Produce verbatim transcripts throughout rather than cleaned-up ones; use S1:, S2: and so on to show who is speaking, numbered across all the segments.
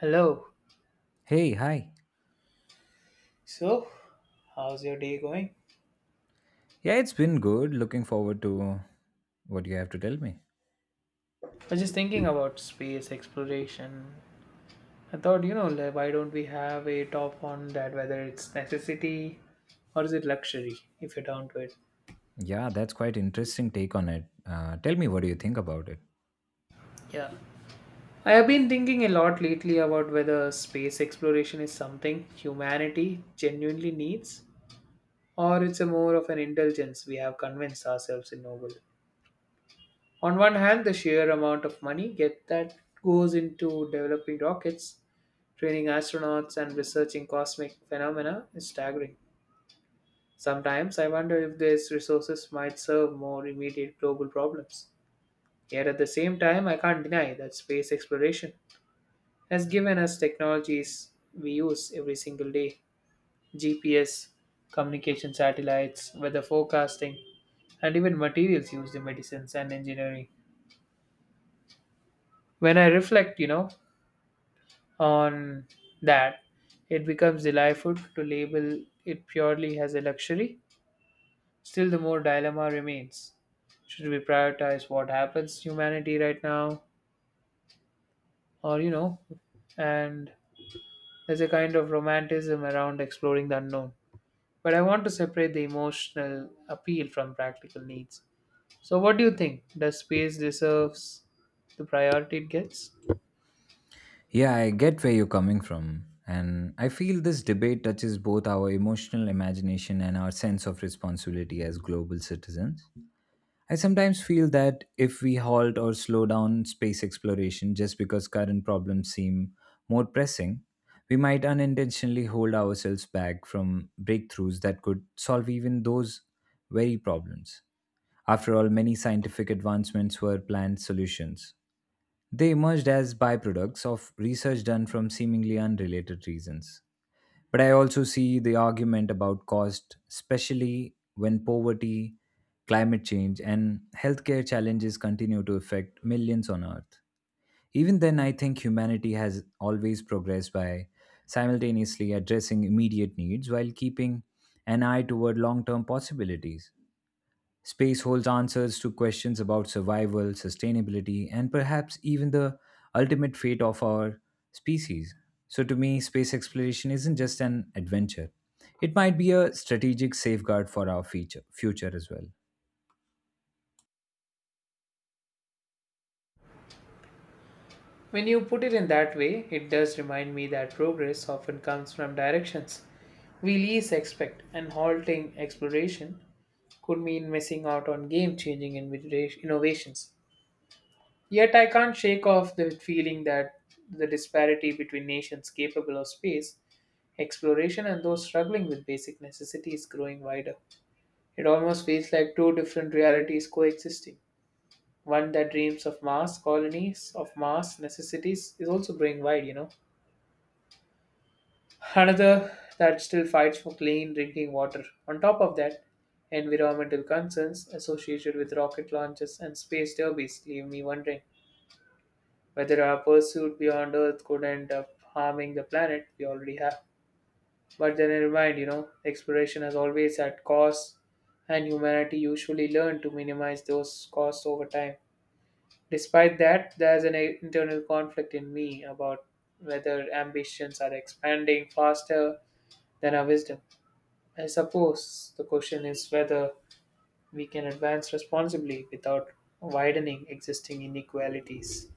S1: Hello.
S2: Hey, hi.
S1: So, how's your day going?
S2: Yeah, it's been good. Looking forward to what you have to tell me.
S1: I was just thinking about space exploration. I thought, you know, like, why don't we have a top on that, whether it's necessity or is it luxury, if you're down to it?
S2: Yeah, that's quite interesting take on it. Uh, tell me what do you think about it?
S1: Yeah. I have been thinking a lot lately about whether space exploration is something humanity genuinely needs or it's a more of an indulgence we have convinced ourselves in Nobel. On one hand, the sheer amount of money get that goes into developing rockets, training astronauts, and researching cosmic phenomena is staggering. Sometimes I wonder if these resources might serve more immediate global problems. Yet at the same time, I can't deny that space exploration has given us technologies we use every single day: G P S, communication satellites, weather forecasting, and even materials used in medicines and engineering. When I reflect, you know, on that it becomes delightful to label it purely as a luxury. Still, the more dilemma remains. Should we prioritize what happens to humanity right now? Or, you know, and there's a kind of romanticism around exploring the unknown. But I want to separate the emotional appeal from practical needs. So, what do you think? Does space deserves the priority it gets?
S2: Yeah, I get where you're coming from, and I feel this debate touches both our emotional imagination and our sense of responsibility as global citizens. I sometimes feel that if we halt or slow down space exploration just because current problems seem more pressing, we might unintentionally hold ourselves back from breakthroughs that could solve even those very problems. After all, many scientific advancements were planned solutions. They emerged as byproducts of research done from seemingly unrelated reasons. But I also see the argument about cost, especially when poverty, climate change, and healthcare challenges continue to affect millions on Earth. Even then, I think humanity has always progressed by simultaneously addressing immediate needs while keeping an eye toward long term possibilities. Space holds answers to questions about survival, sustainability, and perhaps even the ultimate fate of our species. So, to me, space exploration isn't just an adventure, it might be a strategic safeguard for our future, future as well.
S1: When you put it in that way, it does remind me that progress often comes from directions we least expect, and halting exploration could mean missing out on game changing innovations. Yet I can't shake off the feeling that the disparity between nations capable of space exploration and those struggling with basic necessities is growing wider. It almost feels like two different realities coexisting. One that dreams of mass colonies, of mass necessities, is also growing wide, you know Another that still fights for clean drinking water. On top of that, environmental concerns associated with rocket launches and space derbies leave me wondering whether our pursuit beyond Earth could end up harming the planet we already have. But then never mind, you know, exploration has always had costs, and humanity usually learned to minimize those costs over time. Despite that, there's an a- internal conflict in me about whether ambitions are expanding faster than our wisdom. I suppose the question is whether we can advance responsibly without widening existing inequalities.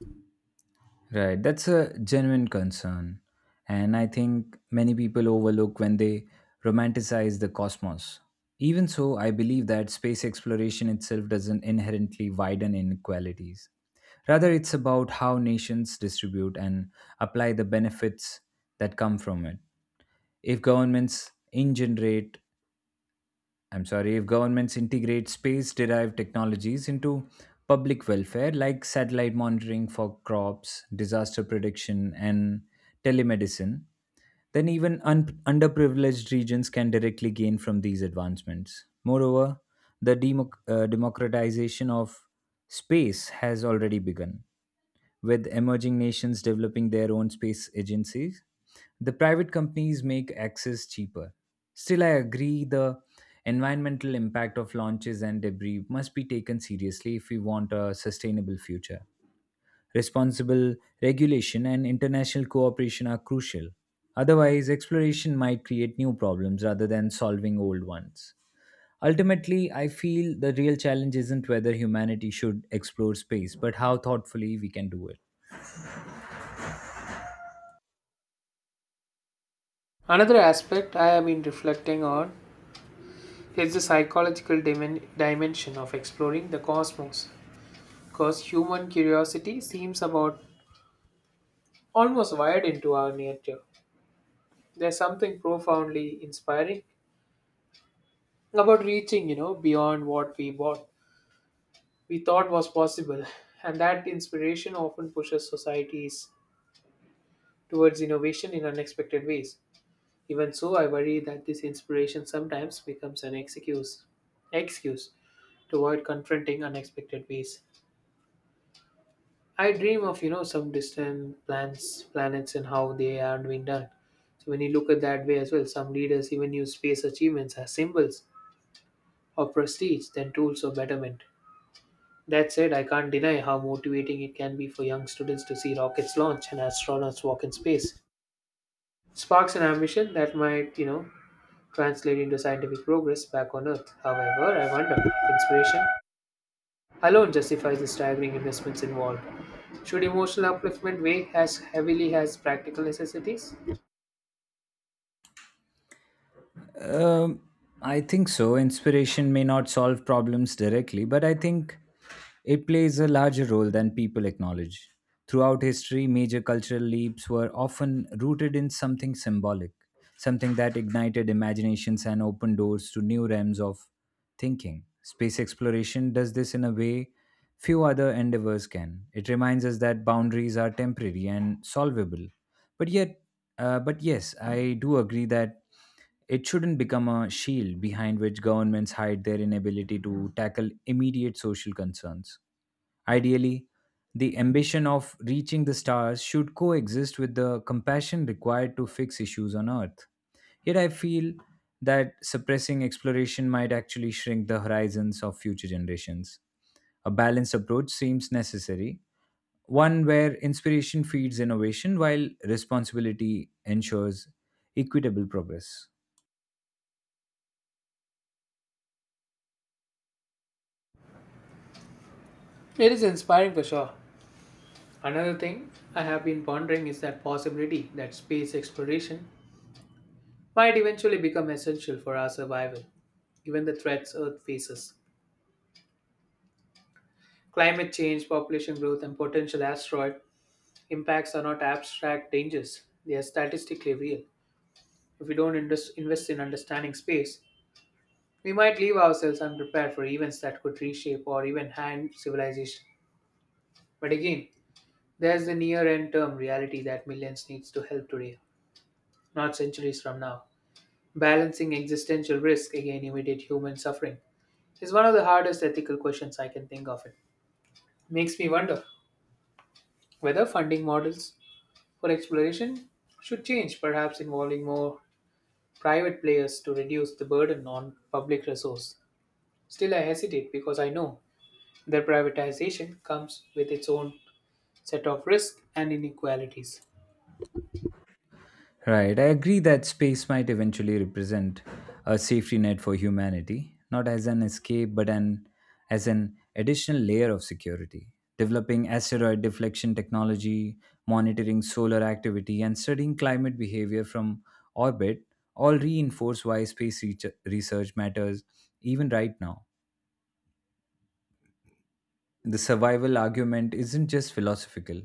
S2: Right, that's a genuine concern. And I think many people overlook when they romanticize the cosmos. Even so, I believe that space exploration itself doesn't inherently widen inequalities. Rather, it's about how nations distribute and apply the benefits that come from it. If governments in generate I'm sorry, If governments integrate space derived technologies into public welfare, like satellite monitoring for crops, disaster prediction, and telemedicine, then even un- underprivileged regions can directly gain from these advancements. Moreover, the democ- uh, democratization of space has already begun with emerging nations developing their own space agencies, the private companies make access cheaper. Still, I agree the environmental impact of launches and debris must be taken seriously if we want a sustainable future. Responsible regulation and international cooperation are crucial. Otherwise, exploration might create new problems rather than solving old ones. Ultimately, I feel the real challenge isn't whether humanity should explore space, but how thoughtfully we can do it.
S1: Another aspect I have been reflecting on is the psychological dimen- dimension of exploring the cosmos, because human curiosity seems about almost wired into our nature. There's something profoundly inspiring about reaching, you know, beyond what we bought, we thought was possible, and that inspiration often pushes societies towards innovation in unexpected ways. Even so, I worry that this inspiration sometimes becomes an excuse excuse to avoid confronting unexpected ways. I dream of you know some distant plans, planets and how they are being done. So when you look at that way as well, some leaders even use space achievements as symbols of prestige than tools of betterment. That said, I can't deny how motivating it can be for young students to see rockets launch and astronauts walk in space. Sparks an ambition that might, you know, translate into scientific progress back on Earth. However, I wonder if inspiration alone justifies the staggering investments involved. Should emotional upliftment weigh as heavily as practical necessities?
S2: Um, I think so. Inspiration may not solve problems directly, but I think it plays a larger role than people acknowledge. Throughout history, major cultural leaps were often rooted in something symbolic, something that ignited imaginations and opened doors to new realms of thinking. Space exploration does this in a way few other endeavors can. It reminds us that boundaries are temporary and solvable, but yet uh, but yes, I do agree that it shouldn't become a shield behind which governments hide their inability to tackle immediate social concerns. Ideally, the ambition of reaching the stars should coexist with the compassion required to fix issues on Earth. Yet I feel that suppressing exploration might actually shrink the horizons of future generations. A balanced approach seems necessary, one where inspiration feeds innovation while responsibility ensures equitable progress.
S1: It is inspiring for sure. Another thing I have been pondering is that possibility that space exploration might eventually become essential for our survival, given the threats Earth faces. Climate change, population growth, and potential asteroid impacts are not abstract dangers, they are statistically real. If we don't indus- invest in understanding space, we might leave ourselves unprepared for events that could reshape or even hand civilization. But again, there's the near end term reality that millions needs to help today, not centuries from now. Balancing existential risk against immediate human suffering is one of the hardest ethical questions I can think of. It makes me wonder whether funding models for exploration should change, perhaps involving more private players to reduce the burden on public resource. Still, I hesitate because I know that privatization comes with its own set of risks and inequalities.
S2: Right, I agree that space might eventually represent a safety net for humanity, not as an escape but an as an additional layer of security. Developing asteroid deflection technology, monitoring solar activity, and studying climate behavior from orbit all reinforce why space reach- research matters even right now. The survival argument isn't just philosophical,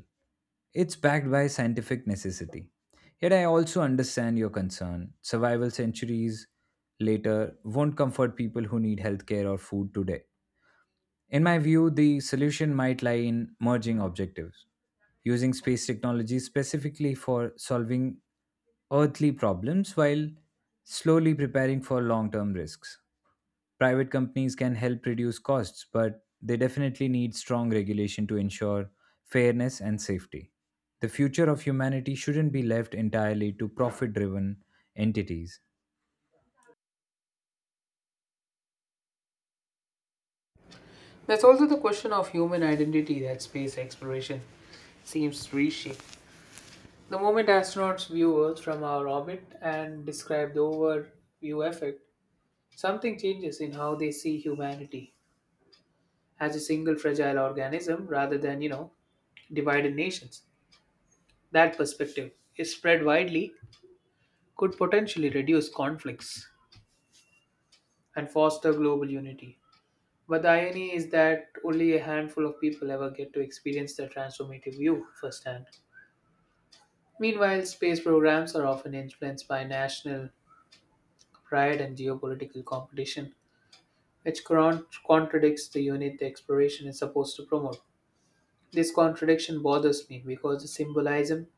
S2: it's backed by scientific necessity. Yet I also understand your concern. Survival centuries later won't comfort people who need healthcare or food today. In my view, the solution might lie in merging objectives, using space technology specifically for solving earthly problems while slowly preparing for long term risks. Private companies can help reduce costs, but they definitely need strong regulation to ensure fairness and safety. The future of humanity shouldn't be left entirely to profit driven entities.
S1: There's also the question of human identity that space exploration seems to reshape. The moment astronauts view Earth from our orbit and describe the overview effect, something changes in how they see humanity as a single fragile organism rather than, you know, divided nations. That perspective, if spread widely, could potentially reduce conflicts and foster global unity. But the irony is that only a handful of people ever get to experience the transformative view firsthand. Meanwhile, space programs are often influenced by national pride and geopolitical competition, which con- contradicts the unit the exploration is supposed to promote. This contradiction bothers me because the symbolism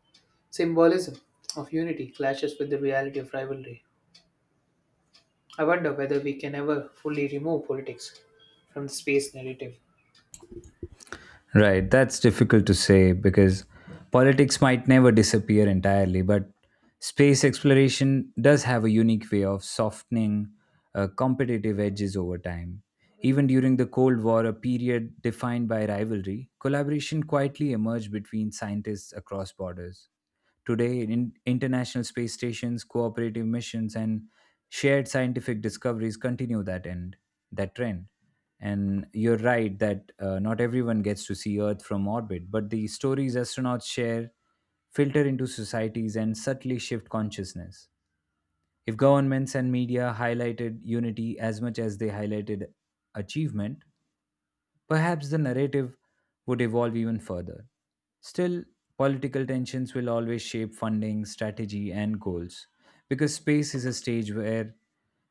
S1: symbolism of unity clashes with the reality of rivalry. I wonder whether we can ever fully remove politics from the space narrative.
S2: Right, that's difficult to say because politics might never disappear entirely, but space exploration does have a unique way of softening uh, competitive edges over time. Even during the Cold War, a period defined by rivalry, collaboration quietly emerged between scientists across borders. Today, in international space stations, cooperative missions, and shared scientific discoveries continue that end, that trend. And you're right that uh, not everyone gets to see Earth from orbit, but the stories astronauts share filter into societies and subtly shift consciousness. If governments and media highlighted unity as much as they highlighted achievement, perhaps the narrative would evolve even further. Still, political tensions will always shape funding, strategy, and goals, because space is a stage where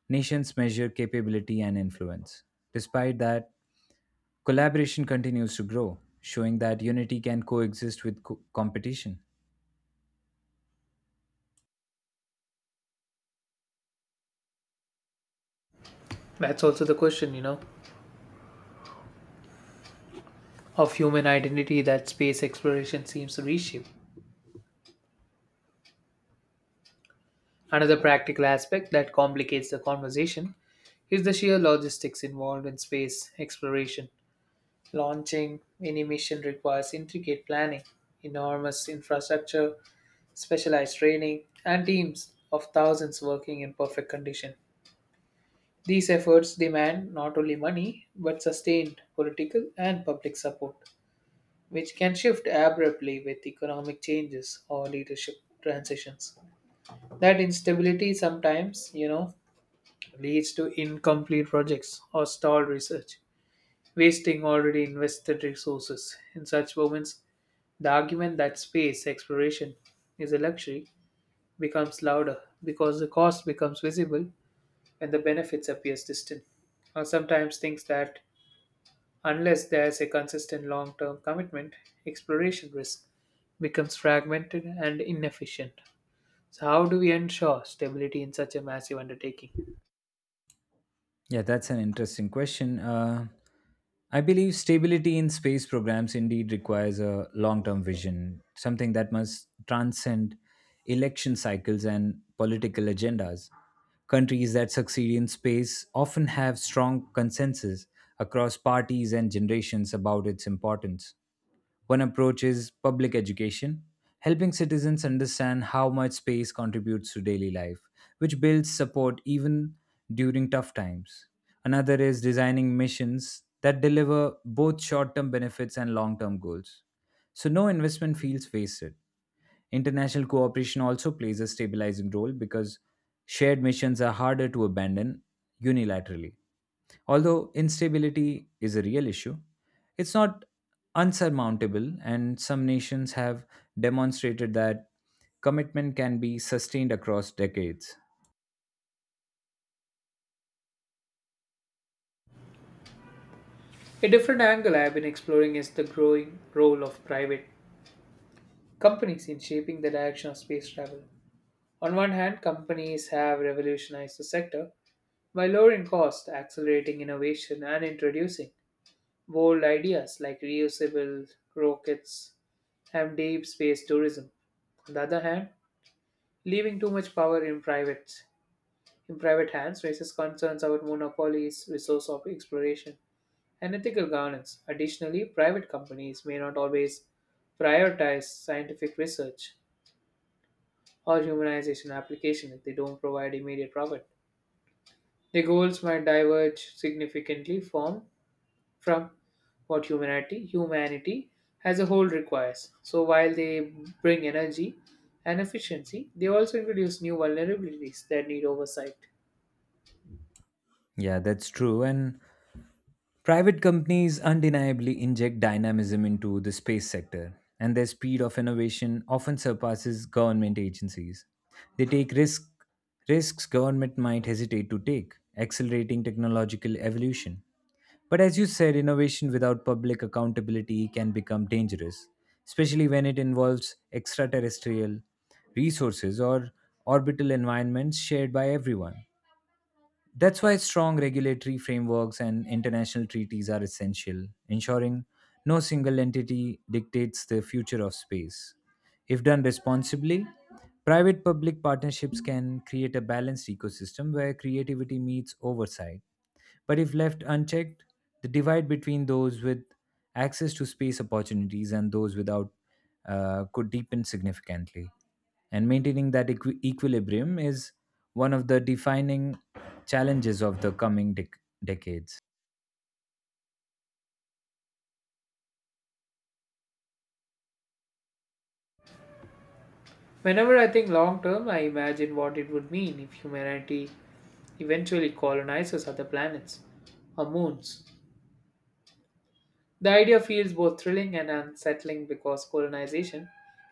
S2: nations measure capability and influence. Despite that, collaboration continues to grow, showing that unity can coexist with co- competition.
S1: That's also the question, you know. of human identity that space exploration seems to reshape. Another practical aspect that complicates the conversation is the sheer logistics involved in space exploration. Launching any mission requires intricate planning, enormous infrastructure, specialized training, and teams of thousands working in perfect condition. These efforts demand not only money but sustained political and public support, which can shift abruptly with economic changes or leadership transitions. That instability sometimes, you know, leads to incomplete projects or stalled research, wasting already invested resources. In such moments, the argument that space exploration is a luxury becomes louder because the cost becomes visible and the benefits appears distant. Or sometimes thinks that unless there's a consistent long-term commitment, exploration risk becomes fragmented and inefficient. So how do we ensure stability in such a massive undertaking?
S2: Yeah, that's an interesting question. Uh, I believe stability in space programs indeed requires a long term vision, something that must transcend election cycles and political agendas. Countries that succeed in space often have strong consensus across parties and generations about its importance. One approach is public education, helping citizens understand how much space contributes to daily life, which builds support even during tough times. Another is designing missions that deliver both short term benefits and long term goals. So, no investment feels wasted. International cooperation also plays a stabilizing role because shared missions are harder to abandon unilaterally. Although instability is a real issue, it's not unsurmountable, and some nations have demonstrated that commitment can be sustained across decades.
S1: A different angle I have been exploring is the growing role of private companies in shaping the direction of space travel. On one hand, companies have revolutionized the sector by lowering costs, accelerating innovation, and introducing bold ideas like reusable rockets and deep space tourism. On the other hand, leaving too much power in private in private hands raises concerns about monopolies, resource of exploration, and ethical governance. Additionally, private companies may not always prioritize scientific research or humanization application if they don't provide immediate profit. Their goals might diverge significantly from, from what humanity humanity as a whole requires. So while they bring energy and efficiency, they also introduce new vulnerabilities that need oversight.
S2: Yeah, that's true. And private companies undeniably inject dynamism into the space sector, and their speed of innovation often surpasses government agencies. They take risk, risks government might hesitate to take, accelerating technological evolution. But as you said, innovation without public accountability can become dangerous, especially when it involves extraterrestrial resources or orbital environments shared by everyone. That's why strong regulatory frameworks and international treaties are essential, ensuring no single entity dictates the future of space. If done responsibly, private public partnerships can create a balanced ecosystem where creativity meets oversight. But if left unchecked, the divide between those with access to space opportunities and those without uh, could deepen significantly. And maintaining that equi- equilibrium is one of the defining challenges of the coming dec- decades.
S1: Whenever I think long term, I imagine what it would mean if humanity eventually colonizes other planets or moons. The idea feels both thrilling and unsettling because colonization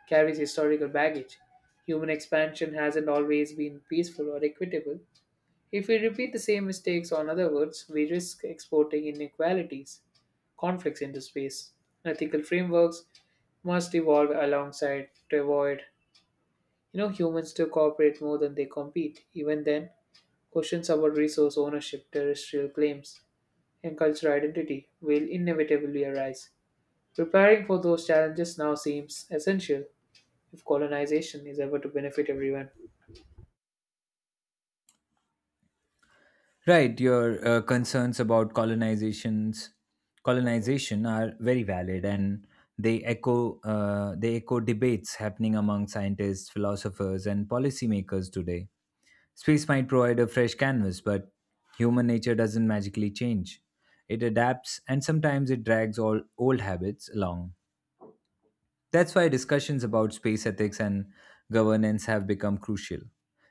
S1: carries historical baggage. Human expansion hasn't always been peaceful or equitable. If we repeat the same mistakes on other worlds, we risk exporting inequalities, conflicts into space. Ethical frameworks must evolve alongside to avoid. You know, humans to cooperate more than they compete. Even then, questions about resource ownership, terrestrial claims, and cultural identity will inevitably arise. Preparing for those challenges now seems essential if colonization is ever to benefit everyone.
S2: Right, your uh, concerns about colonizations, colonization are very valid, and they echo uh, they echo debates happening among scientists, philosophers, and policymakers today. Space might provide a fresh canvas, but human nature doesn't magically change. It adapts, and sometimes it drags all old habits along. That's why discussions about space ethics and governance have become crucial,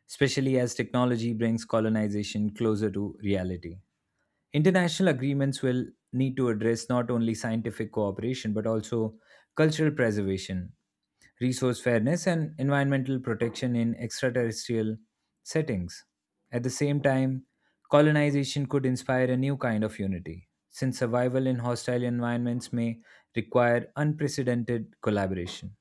S2: especially as technology brings colonization closer to reality. International agreements will need to address not only scientific cooperation but also cultural preservation, resource fairness, and environmental protection in extraterrestrial settings. At the same time, colonization could inspire a new kind of unity, since survival in hostile environments may require unprecedented collaboration.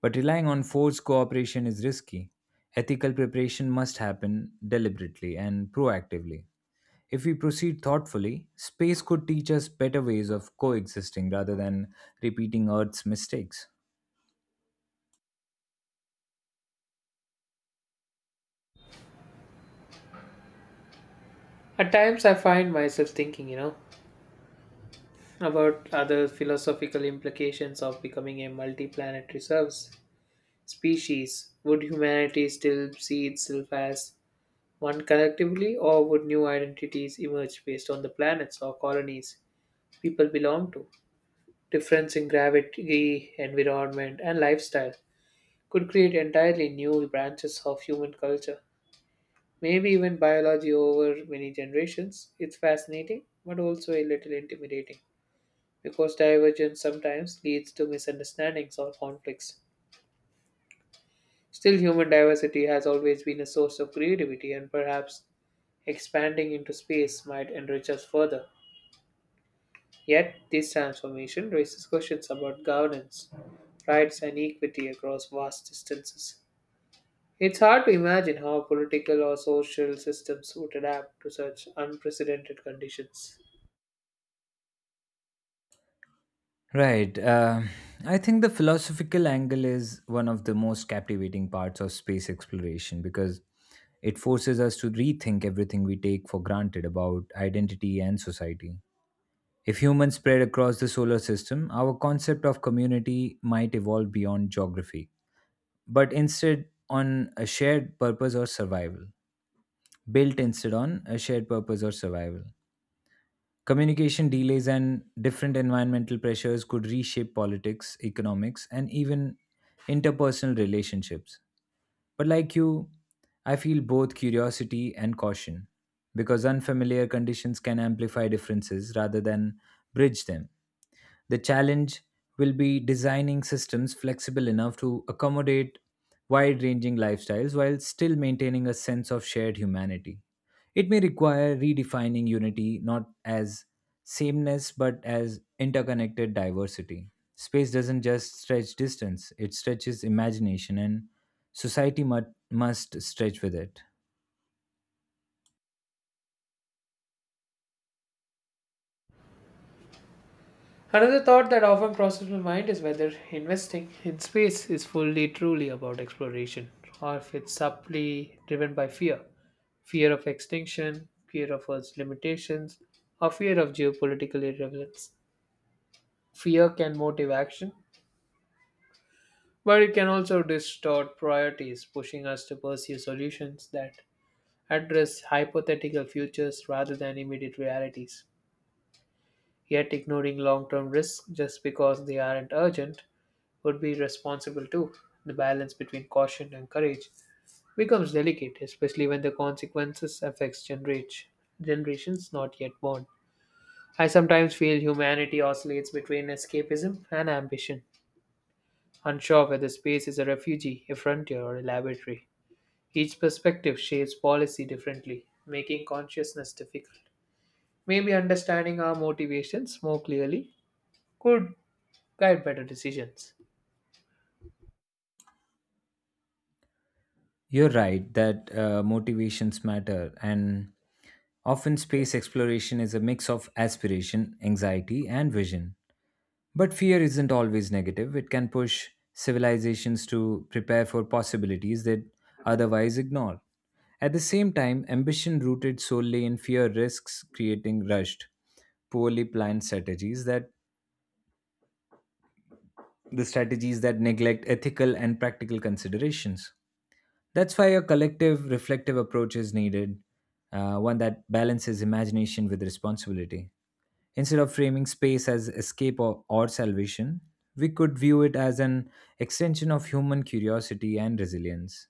S2: But relying on forced cooperation is risky. Ethical preparation must happen deliberately and proactively. If we proceed thoughtfully, space could teach us better ways of coexisting rather than repeating Earth's mistakes.
S1: At times, I find myself thinking, you know, about other philosophical implications of becoming a multi planetary service species. Would humanity still see itself as one collectively, or would new identities emerge based on the planets or colonies people belong to? Difference in gravity, environment, and lifestyle could create entirely new branches of human culture, maybe even biology over many generations. It's fascinating, but also a little intimidating, because divergence sometimes leads to misunderstandings or conflicts. Still, human diversity has always been a source of creativity, and perhaps expanding into space might enrich us further. Yet, this transformation raises questions about governance, rights, and equity across vast distances. It's hard to imagine how political or social systems would adapt to such unprecedented conditions.
S2: Right. Uh, I think the philosophical angle is one of the most captivating parts of space exploration because it forces us to rethink everything we take for granted about identity and society. If humans spread across the solar system, our concept of community might evolve beyond geography, but instead on a shared purpose or survival. Built instead on a shared purpose or survival. Communication delays and different environmental pressures could reshape politics, economics, and even interpersonal relationships. But like you, I feel both curiosity and caution because unfamiliar conditions can amplify differences rather than bridge them. The challenge will be designing systems flexible enough to accommodate wide ranging lifestyles while still maintaining a sense of shared humanity. It may require redefining unity not as sameness but as interconnected diversity. Space doesn't just stretch distance, it stretches imagination, and society mu- must stretch with it.
S1: Another thought that often crosses my mind is whether investing in space is fully truly about exploration or if it's subtly driven by fear fear of extinction, fear of Earth's limitations, or fear of geopolitical irrelevance. Fear can motivate action, but it can also distort priorities, pushing us to pursue solutions that address hypothetical futures rather than immediate realities. Yet, ignoring long term risks just because they aren't urgent would be irresponsible too. The balance between caution and courage becomes delicate, especially when the consequences affects generate- generations not yet born. I sometimes feel humanity oscillates between escapism and ambition, unsure whether space is a refuge, a frontier, or a laboratory. Each perspective shapes policy differently, making consciousness difficult. Maybe understanding our motivations more clearly could guide better decisions.
S2: You're right that uh, motivations matter, and often space exploration is a mix of aspiration, anxiety, and vision. But fear isn't always negative, it can push civilizations to prepare for possibilities that otherwise ignore. At the same time, ambition rooted solely in fear risks creating rushed, poorly planned strategies that the strategies that neglect ethical and practical considerations. That's why a collective, reflective approach is needed, uh, one that balances imagination with responsibility. Instead of framing space as escape or, or salvation, we could view it as an extension of human curiosity and resilience.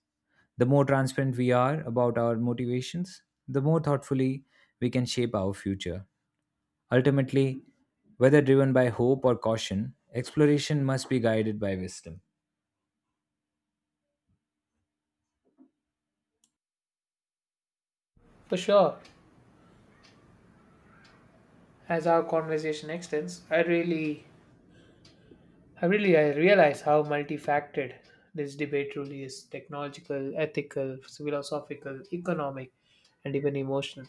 S2: The more transparent we are about our motivations, the more thoughtfully we can shape our future. Ultimately, whether driven by hope or caution, exploration must be guided by wisdom.
S1: For sure, as our conversation extends, I really, I really, I realize how multifaceted this debate truly is: technological, ethical, philosophical, economic, and even emotional.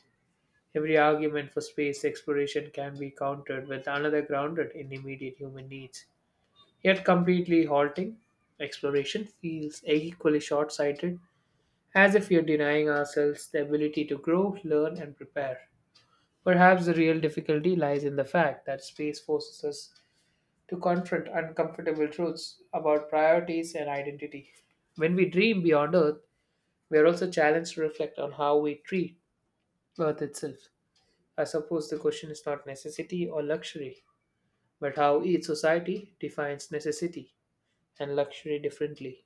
S1: Every argument for space exploration can be countered with another grounded in immediate human needs. Yet completely halting exploration feels equally short sighted, as if we are denying ourselves the ability to grow, learn, and prepare. Perhaps the real difficulty lies in the fact that space forces us to confront uncomfortable truths about priorities and identity. When we dream beyond Earth, we are also challenged to reflect on how we treat Earth itself. I suppose the question is not necessity or luxury, but how each society defines necessity and luxury differently.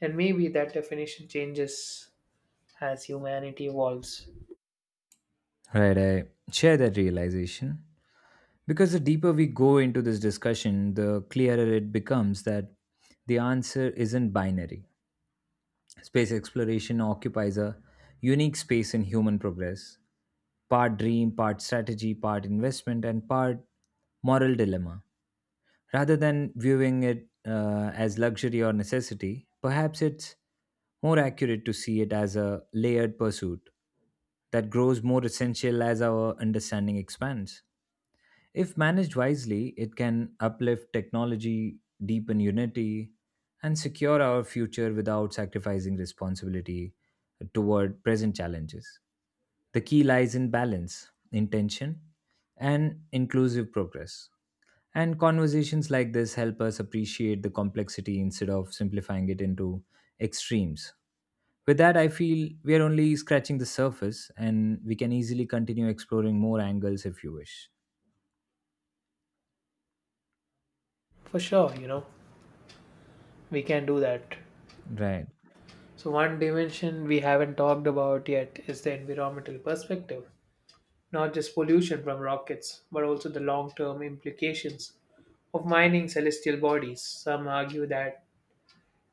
S1: And maybe that definition changes as humanity evolves.
S2: Right, I share that realization. Because the deeper we go into this discussion, the clearer it becomes that the answer isn't binary. Space exploration occupies a unique space in human progress, part dream, part strategy, part investment, and part moral dilemma. Rather than viewing it uh, as luxury or necessity, perhaps it's more accurate to see it as a layered pursuit that grows more essential as our understanding expands. If managed wisely, it can uplift technology, deepen unity, and secure our future without sacrificing responsibility toward present challenges. The key lies in balance, intention, and inclusive progress. And conversations like this help us appreciate the complexity instead of simplifying it into extremes. With that, I feel we are only scratching the surface and we can easily continue exploring more angles if you wish.
S1: For sure, you know. we can do that.
S2: Right.
S1: So, one dimension we haven't talked about yet is the environmental perspective, not just pollution from rockets, but also the long term implications of mining celestial bodies. Some argue that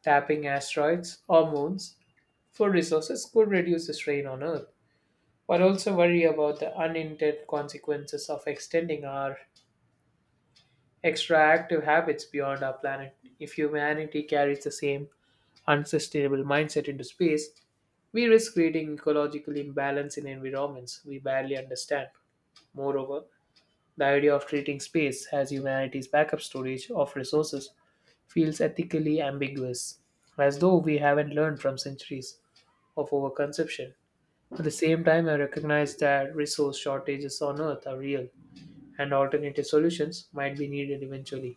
S1: tapping asteroids or moons for resources could reduce the strain on Earth, but also worry about the unintended consequences of extending our extractive habits beyond our planet. If humanity carries the same unsustainable mindset into space, we risk creating ecological imbalance in environments we barely understand. Moreover, the idea of treating space as humanity's backup storage of resources feels ethically ambiguous, as though we haven't learned from centuries of overconsumption. At the same time, I recognize that resource shortages on Earth are real, and alternative solutions might be needed eventually.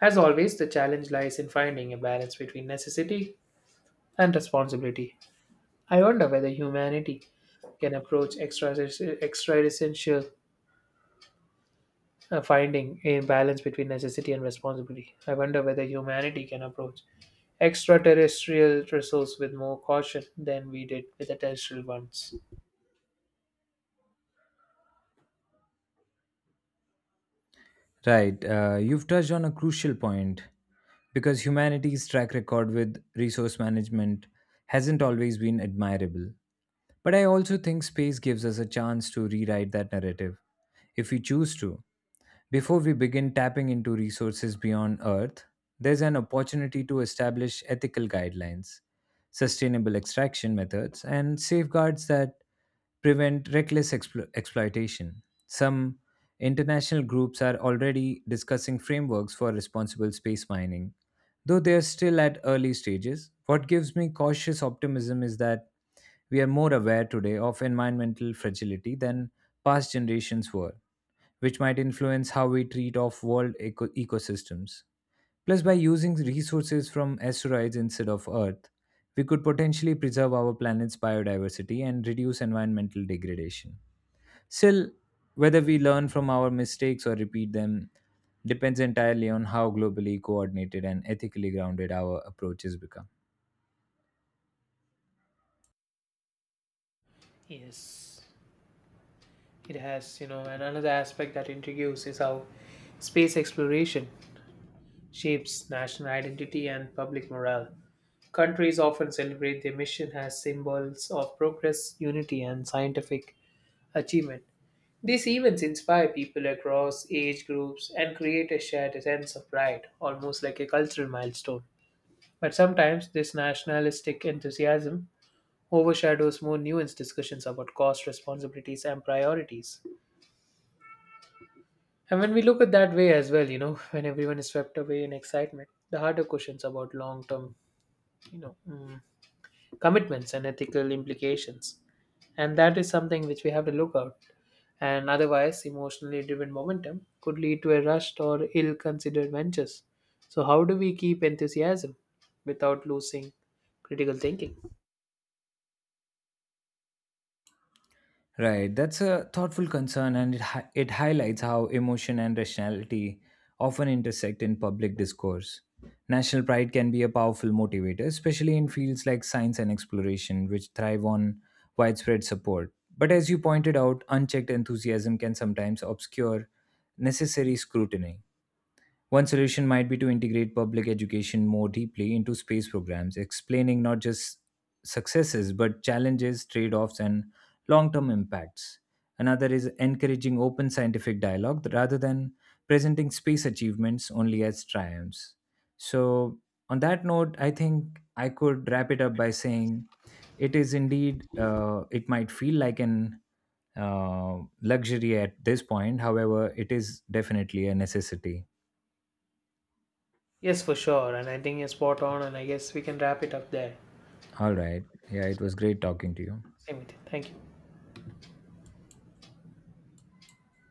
S1: As always, the challenge lies in finding a balance between necessity and responsibility. I wonder whether humanity can approach extra extra essential uh, finding a balance between necessity and responsibility. I wonder whether humanity can approach extraterrestrial resource with more caution than we did with the terrestrial ones.
S2: Right, uh, you've touched on a crucial point because humanity's track record with resource management hasn't always been admirable. But I also think space gives us a chance to rewrite that narrative if we choose to. Before we begin tapping into resources beyond Earth, there's an opportunity to establish ethical guidelines, sustainable extraction methods, and safeguards that prevent reckless explo- exploitation. Some international groups are already discussing frameworks for responsible space mining, though they are still at early stages. What gives me cautious optimism is that we are more aware today of environmental fragility than past generations were, which might influence how we treat off world eco- ecosystems. Plus, by using resources from asteroids instead of Earth, we could potentially preserve our planet's biodiversity and reduce environmental degradation. Still, whether we learn from our mistakes or repeat them depends entirely on how globally coordinated and ethically grounded our approaches become.
S1: Yes, it has. You know, and another aspect that intrigues is how space exploration shapes national identity and public morale. Countries often celebrate their mission as symbols of progress, unity, and scientific achievement. These events inspire people across age groups and create a shared sense of pride, almost like a cultural milestone. But sometimes this nationalistic enthusiasm overshadows more nuanced discussions about cost, responsibilities, and priorities. And when we look at that way as well, you know, when everyone is swept away in excitement, the harder questions about long term, you know, mm, commitments and ethical implications. And that is something which we have to look out and otherwise emotionally driven momentum could lead to a rushed or ill considered ventures. So, how do we keep enthusiasm without losing critical thinking?
S2: Right, that's a thoughtful concern, and it hi- it highlights how emotion and rationality often intersect in public discourse. National pride can be a powerful motivator, especially in fields like science and exploration, which thrive on widespread support. But as you pointed out, unchecked enthusiasm can sometimes obscure necessary scrutiny. One solution might be to integrate public education more deeply into space programs, explaining not just successes but challenges, trade offs, and long term impacts. Another is encouraging open scientific dialogue rather than presenting space achievements only as triumphs. So, on that note, I think I could wrap it up by saying it is indeed, uh, it might feel like an uh, luxury at this point. However, it is definitely a necessity.
S1: Yes, for sure. And I think you're spot on, and I guess we can wrap it up there.
S2: All right. Yeah, it was great talking to you.
S1: Same with it. Thank you.